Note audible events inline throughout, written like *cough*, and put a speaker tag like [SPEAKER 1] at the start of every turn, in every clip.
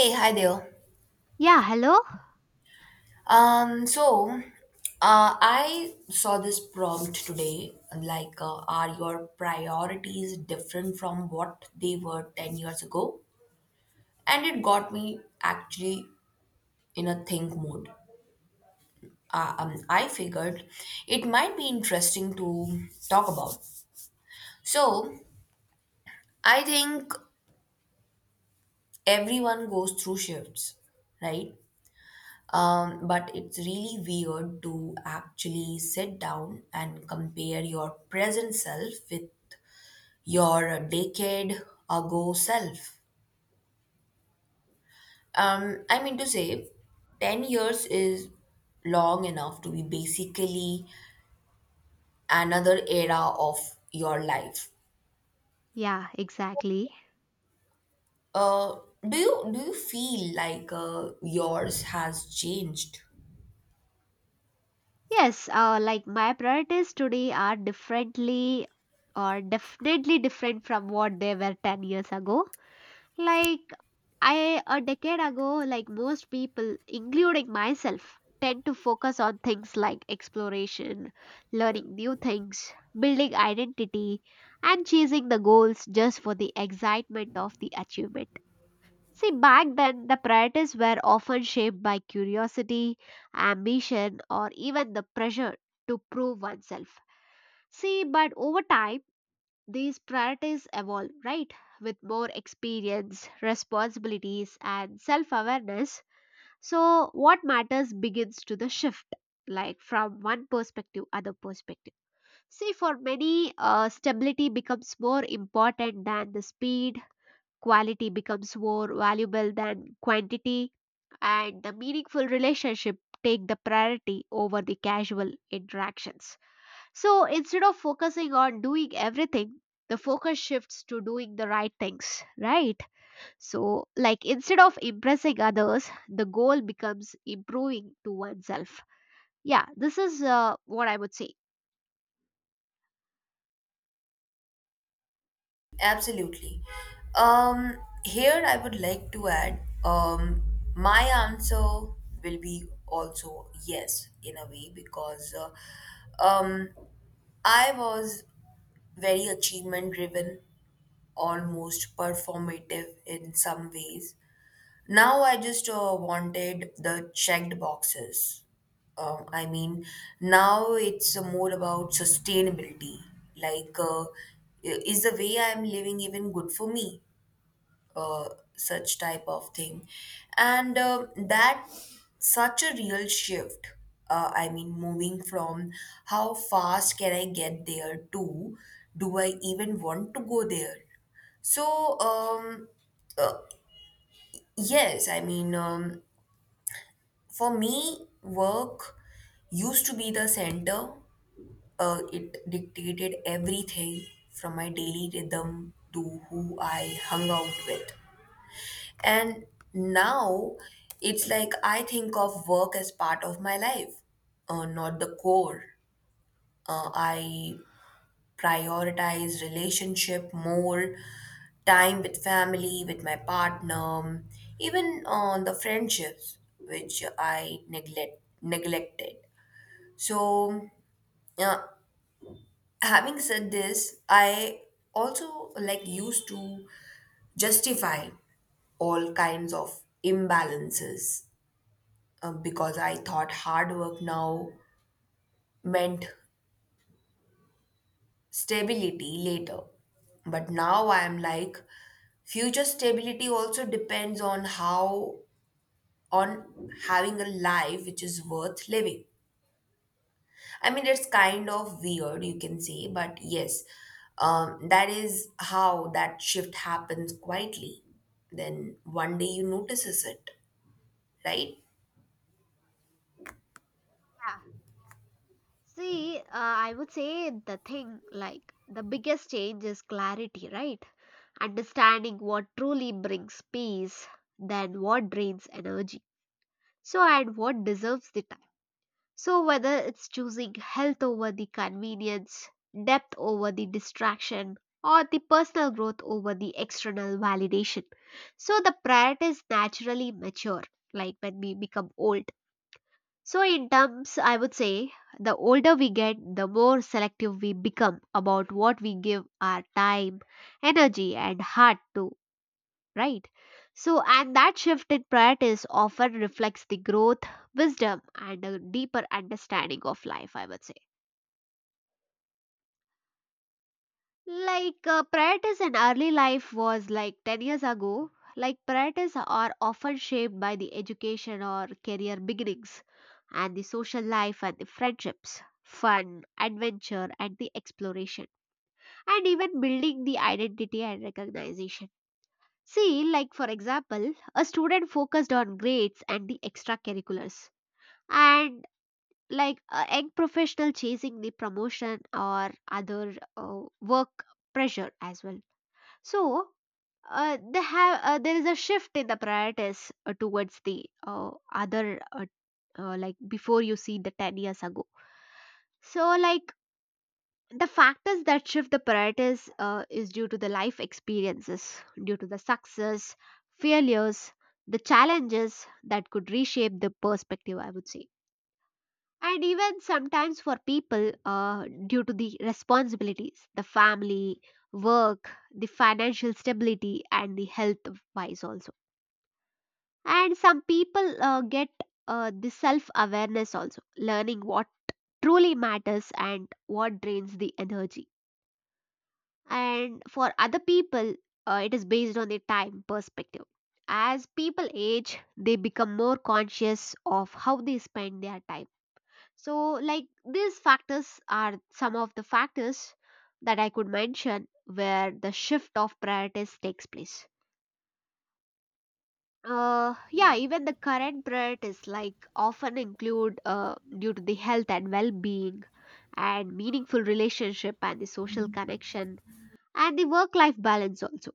[SPEAKER 1] Hey, hi there.
[SPEAKER 2] Yeah, hello?
[SPEAKER 1] Um, so I saw this prompt today, are your priorities different from what they were 10 years ago? And it got me actually in a think mode. I figured it might be interesting to talk about. So I think everyone goes through shifts, right? But it's really weird to actually sit down and compare your present self with your decade ago self. I mean to say, 10 years is long enough to be basically another era of your life.
[SPEAKER 2] Yeah, exactly.
[SPEAKER 1] Uh, do you feel like yours has changed?
[SPEAKER 2] Yes, like my priorities today are differently or definitely different from what they were 10 years ago. Like, I, a decade ago, like most people, including myself, tend to focus on things like exploration, learning new things, building identity, and chasing the goals just for the excitement of the achievement. See, back then, the priorities were often shaped by curiosity, ambition, or even the pressure to prove oneself. See, but over time, these priorities evolve, right? With more experience, responsibilities, and self awareness. So, what matters begins to the shift, like from one perspective, other perspective. See, for many, stability becomes more important than the speed, quality becomes more valuable than quantity, and the meaningful relationship take the priority over the casual interactions. So instead of focusing on doing everything, the focus shifts to doing the right things, right? So, like instead of impressing others, the goal becomes improving to oneself. Yeah, this is what I would say.
[SPEAKER 1] Absolutely. Um, Here I would like to add my answer will be also yes in a way because um, I was very achievement driven, almost performative in some ways. Now I just wanted the checked boxes. I mean, now it's more about sustainability. Like, uh, is the way I'm living even good for me? Uh, Such type of thing. And that such a real shift. I mean, moving from how fast can I get there to do I even want to go there? So, um, uh, yes, I mean, for me, work used to be the center. It dictated everything from my daily rhythm to who I hung out with. And now it's like I think of work as part of my life, not the core. I prioritize relationship more, time with family, with my partner, even on the friendships which I neglected. So, uh, having said this, I also like used to justify all kinds of imbalances because I thought hard work now meant stability later. But now I'm like, future stability also depends on how, on having a life which is worth living. I mean, it's kind of weird, you can say, but yes, that is how that shift happens quietly. Then one day you notices it, right?
[SPEAKER 2] Yeah. See, I would say the thing like the biggest change is clarity, right? Understanding what truly brings peace than what drains energy. So, and what deserves the time. So, whether it's choosing health over the convenience, depth over the distraction, or the personal growth over the external validation. So, the priorities naturally mature, like when we become old. So, in terms, I would say the older we get, the more selective we become about what we give our time, energy, and heart to, right? So, and that shift in priorities often reflects the growth, wisdom, and a deeper understanding of life, I would say. Like, priorities in early life was like 10 years ago, like, priorities are often shaped by the education or career beginnings, and the social life and the friendships, fun, adventure, and the exploration, and even building the identity and recognition. See, like for example, a student focused on grades and the extracurriculars, and like a young professional chasing the promotion or other work pressure as well. So, they have there is a shift in the priorities towards the other like before you see the 10 years ago, so like the factors that shift the priorities is due to the life experiences, due to the success, failures, the challenges that could reshape the perspective, I would say. And even sometimes for people, due to the responsibilities, the family, work, the financial stability, and the health wise also. And some people get the self awareness also, learning what truly matters and what drains the energy. And for other people, it is based on their time perspective. As people age, they become more conscious of how they spend their time. So like these factors are some of the factors that I could mention where the shift of priorities takes place. Yeah, even the current priorities like often include due to the health and well-being, and meaningful relationship and the social connection, and the work life balance also.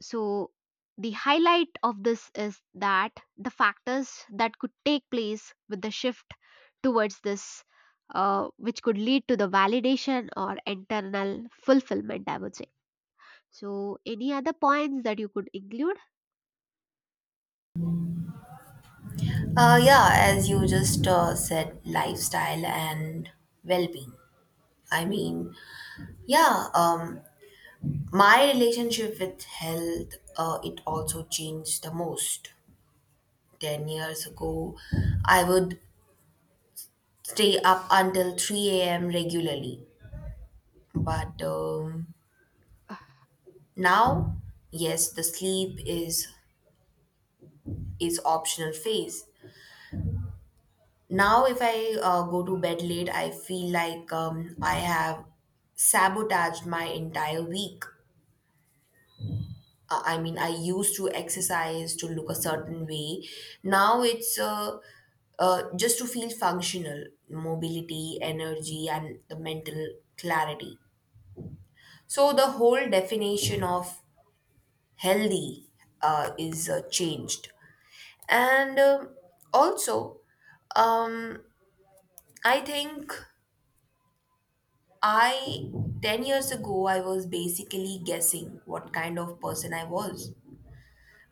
[SPEAKER 2] So, the highlight of this is that the factors that could take place with the shift towards this, which could lead to the validation or internal fulfillment, I would say. So, any other points that you could include?
[SPEAKER 1] Yeah, as you just said, lifestyle and well being. I mean, yeah, my relationship with health, it also changed the most. 10 years ago, I would stay up until 3 a.m. regularly. But now yes, the sleep is optional phase. Now if I go to bed late I feel like I have sabotaged my entire week. I mean, I used to exercise to look a certain way. Now it's just to feel functional, mobility, energy and the mental clarity. So the whole definition of healthy is changed. And um also um, I think I 10 years ago I was basically guessing what kind of person I was.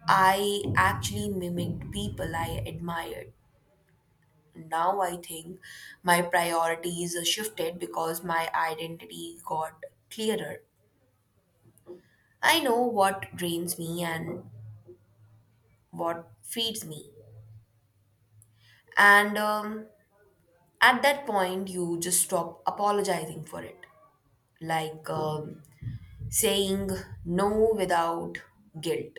[SPEAKER 1] I actually mimicked people I admired. Now I think my priorities shifted because my identity got clearer. I know what drains me and what feeds me, and at that point you just stop apologizing for it. Like saying no without guilt.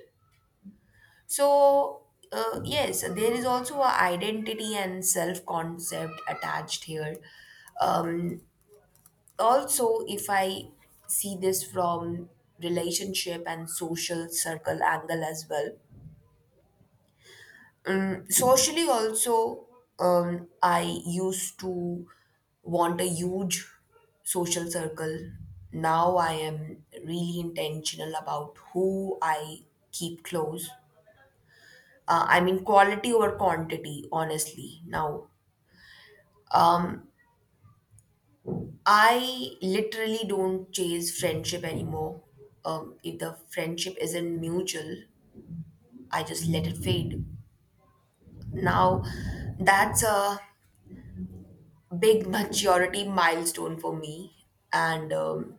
[SPEAKER 1] So, yes, there is also a identity and self concept attached here. Um, Also, if I see this from relationship and social circle angle as well. Socially also, I used to want a huge social circle. Now I am really intentional about who I keep close. I mean, quality over quantity honestly now. um, I literally don't chase friendship anymore. If the friendship isn't mutual I just let it fade now. That's a big majority milestone for me. and um,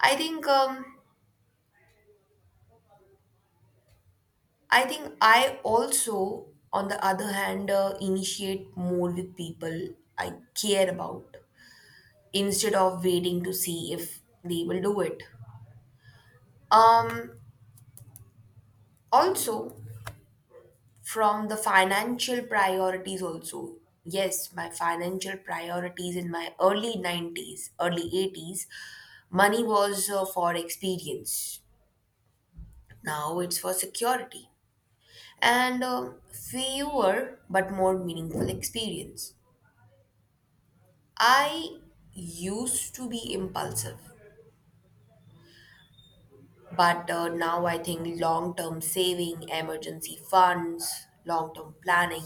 [SPEAKER 1] i think um, I think I also, on the other hand, initiate more with people I care about instead of waiting to see if they will do it. um Also from the financial priorities, also yes, my financial priorities in my early 90s early 80s, money was for experience. Now it's for security and fewer but more meaningful experience. I used to be impulsive, but now I think long term saving, emergency funds, long term planning.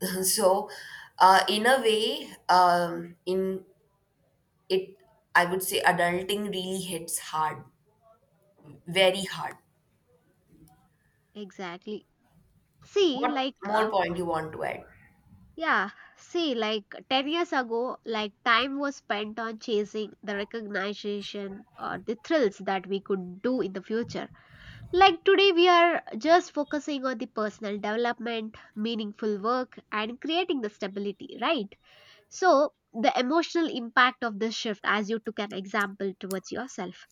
[SPEAKER 1] *laughs* So, in a way, in it, I would say adulting really hits hard, very hard.
[SPEAKER 2] Exactly. See,
[SPEAKER 1] What
[SPEAKER 2] like,
[SPEAKER 1] more point you want to add?
[SPEAKER 2] yeah, see, like 10 years ago, like time was spent on chasing the recognition or the thrills that we could do in the future. Like today, we are just focusing on the personal development, meaningful work, and creating the stability, right? So, the emotional impact of this shift, as you took an example towards yourself,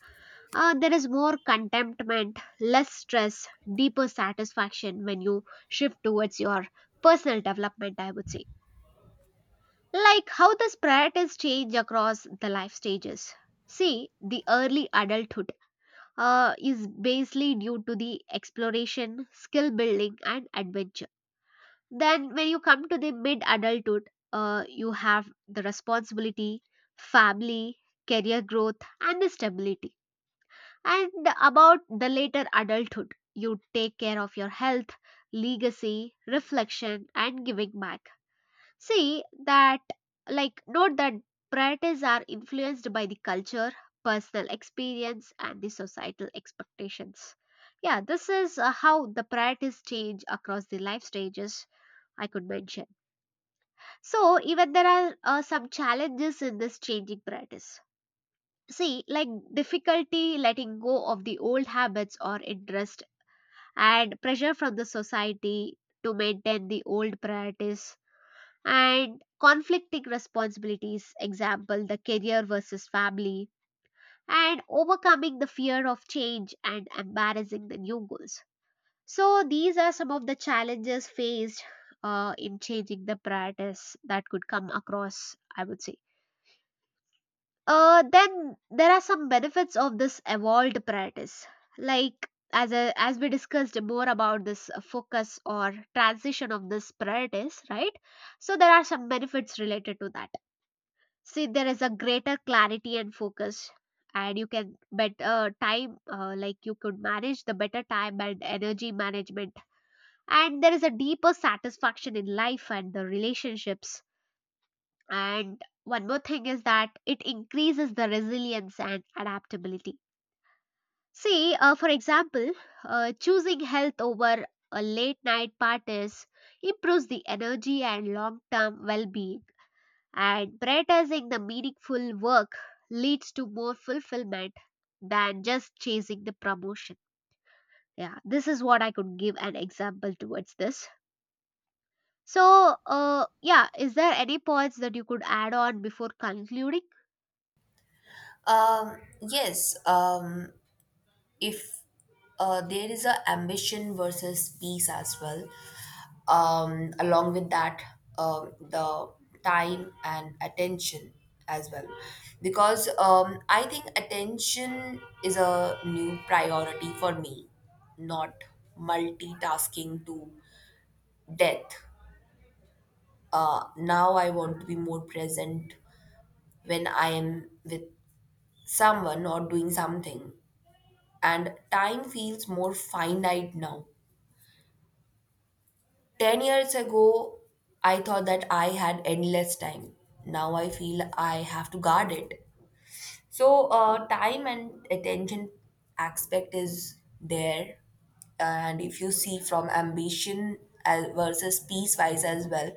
[SPEAKER 2] there is more contentment, less stress, deeper satisfaction when you shift towards your personal development, I would say. Like how these priorities change across the life stages. See, the early adulthood is basically due to the exploration, skill building, and adventure. Then, when you come to the mid adulthood, you have the responsibility, family, career growth, and the stability. And about the later adulthood, you take care of your health, legacy, reflection, and giving back. See that, like, note that priorities are influenced by the culture, personal experience, and the societal expectations. Yeah, this is how the priorities change across the life stages I could mention. So, even there are some challenges in this changing priorities. See, like difficulty letting go of the old habits or interest, and pressure from the society to maintain the old priorities, and conflicting responsibilities, example, the career versus family, and overcoming the fear of change and embarrassing the new goals. So, these are some of the challenges faced in changing the priorities that could come across, I would say. Then there are some benefits of this evolved priorities, like as we discussed more about this focus or transition of this priorities, right? So there are some benefits related to that. See, there is a greater clarity and focus, and you can better time like you could manage the better time and energy management, and there is a deeper satisfaction in life and the relationships, and one more thing is that it increases the resilience and adaptability. See, for example, choosing health over a late night parties improves the energy and long term well being, and prioritizing the meaningful work leads to more fulfillment than just chasing the promotion. Yeah, this is what I could give an example towards this. So, yeah, is there any points that you could add on before concluding?
[SPEAKER 1] Yes. If There is a ambition versus peace as well, along with that the time and attention as well. Because I think attention is a new priority for me, not multitasking to death. Now I want to be more present when I am with someone or doing something. And time feels more finite now. 10 years ago, I thought that I had endless time. Now I feel I have to guard it. So, time and attention aspect is there. And if you see from ambition as versus peace wise as well,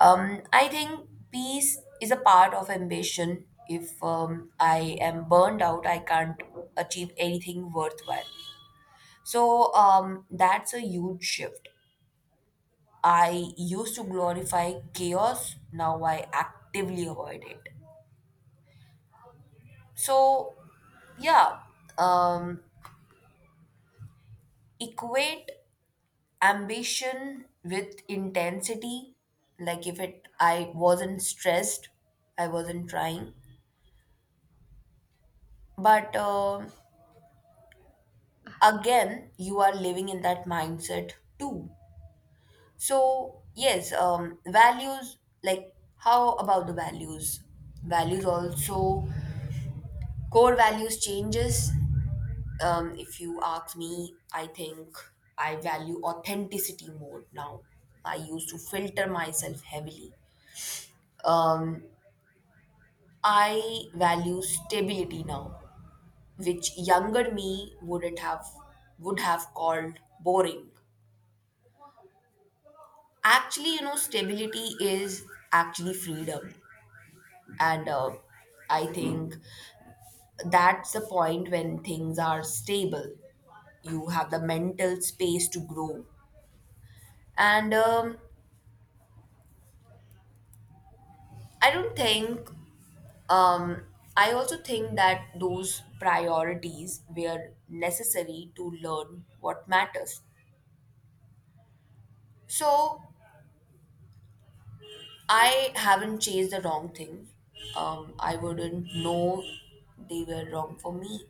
[SPEAKER 1] I think peace is a part of ambition. If I am burned out, I can't achieve anything worthwhile. So, that's a huge shift. I used to glorify chaos, now I actively avoid it. So, yeah, um, equate ambition with intensity. Like if it, I wasn't stressed, I wasn't trying. But again, you are living in that mindset too. So yes, values. Like how about the values? Values also, core values changes. If you ask me, I think I value authenticity more now. I used to filter myself heavily. Um, I value stability now, which younger me wouldn't have would have called boring. Actually, you know, stability is actually freedom, and I think that's the point when things are stable. You have the mental space to grow, and I don't think Um, I also think that those priorities were necessary to learn what matters. So I haven't chased the wrong thing. I wouldn't know they were wrong for me.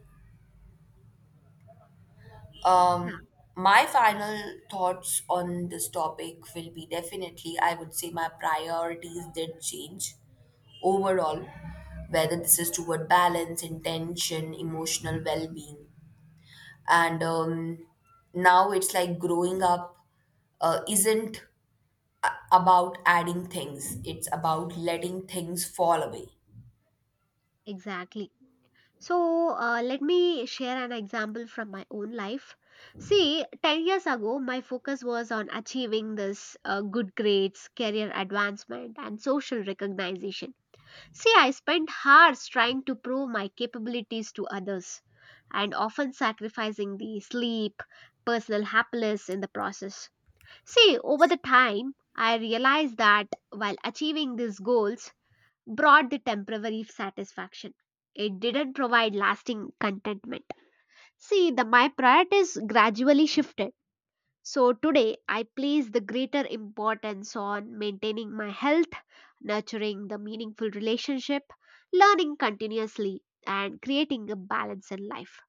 [SPEAKER 2] Yeah,
[SPEAKER 1] Um, my final thoughts on this topic will be definitely, I would say my priorities did change overall, whether this is toward balance, intention, emotional well being. And Now it's like growing up isn't about adding things, it's about letting things fall away.
[SPEAKER 2] exactly. So, let me share an example from my own life. See, 10 years ago, my focus was on achieving this good grades, career advancement, and social recognition. See, I spent hours trying to prove my capabilities to others and often sacrificing the sleep, personal happiness in the process. See, over the time, I realized that while achieving these goals brought the temporary satisfaction, it didn't provide lasting contentment. See, my priorities gradually shifted, so today I place the greater importance on maintaining my health, nurturing the meaningful relationship, learning continuously, and creating a balance in life.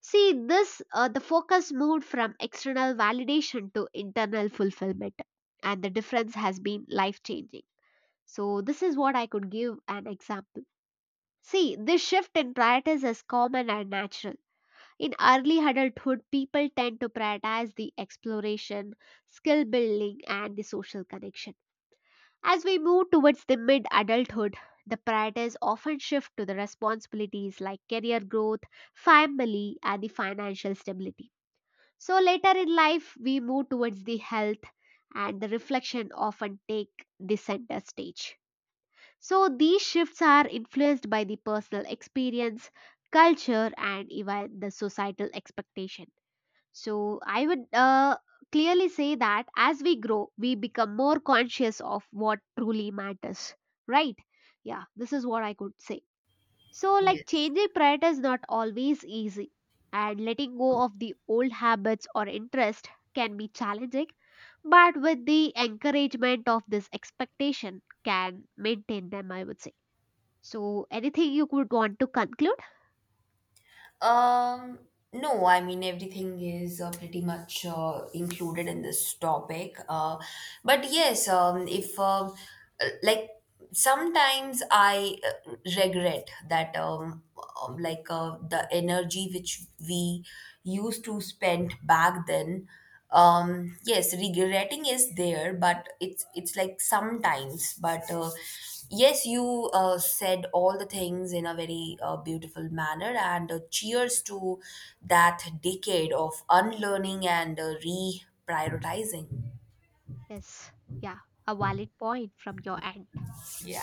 [SPEAKER 2] See this the focus moved from external validation to internal fulfillment, and the difference has been life changing. So this is what I could give an example. See, this shift in priorities is common and natural. In early adulthood, people tend to prioritize the exploration, skill building, and the social connection. As we move towards the mid adulthood, the priorities often shift to the responsibilities like career growth, family, and the financial stability. So later in life, we move towards the health, and the reflection often take the center stage. So these shifts are influenced by the personal experience, culture, and even the societal expectation. So I would clearly say that as we grow, we become more conscious of what truly matters, right? Yeah, this is what I could say. So, like,
[SPEAKER 1] Yes.
[SPEAKER 2] changing priorities is not always easy, and letting go of the old habits or interest can be challenging, but with the encouragement of this expectation, can maintain them, I would say. So, anything you would want to conclude?
[SPEAKER 1] um no, I mean everything is pretty much included in this topic, but yes, if like sometimes I regret that, the energy which we used to spend back then. Yes, regretting is there, but it's like sometimes. But yes, you said all the things in a very beautiful manner, and cheers to that decade of unlearning and reprioritizing.
[SPEAKER 2] Yes, yeah, a valid point from your end.
[SPEAKER 1] Yeah.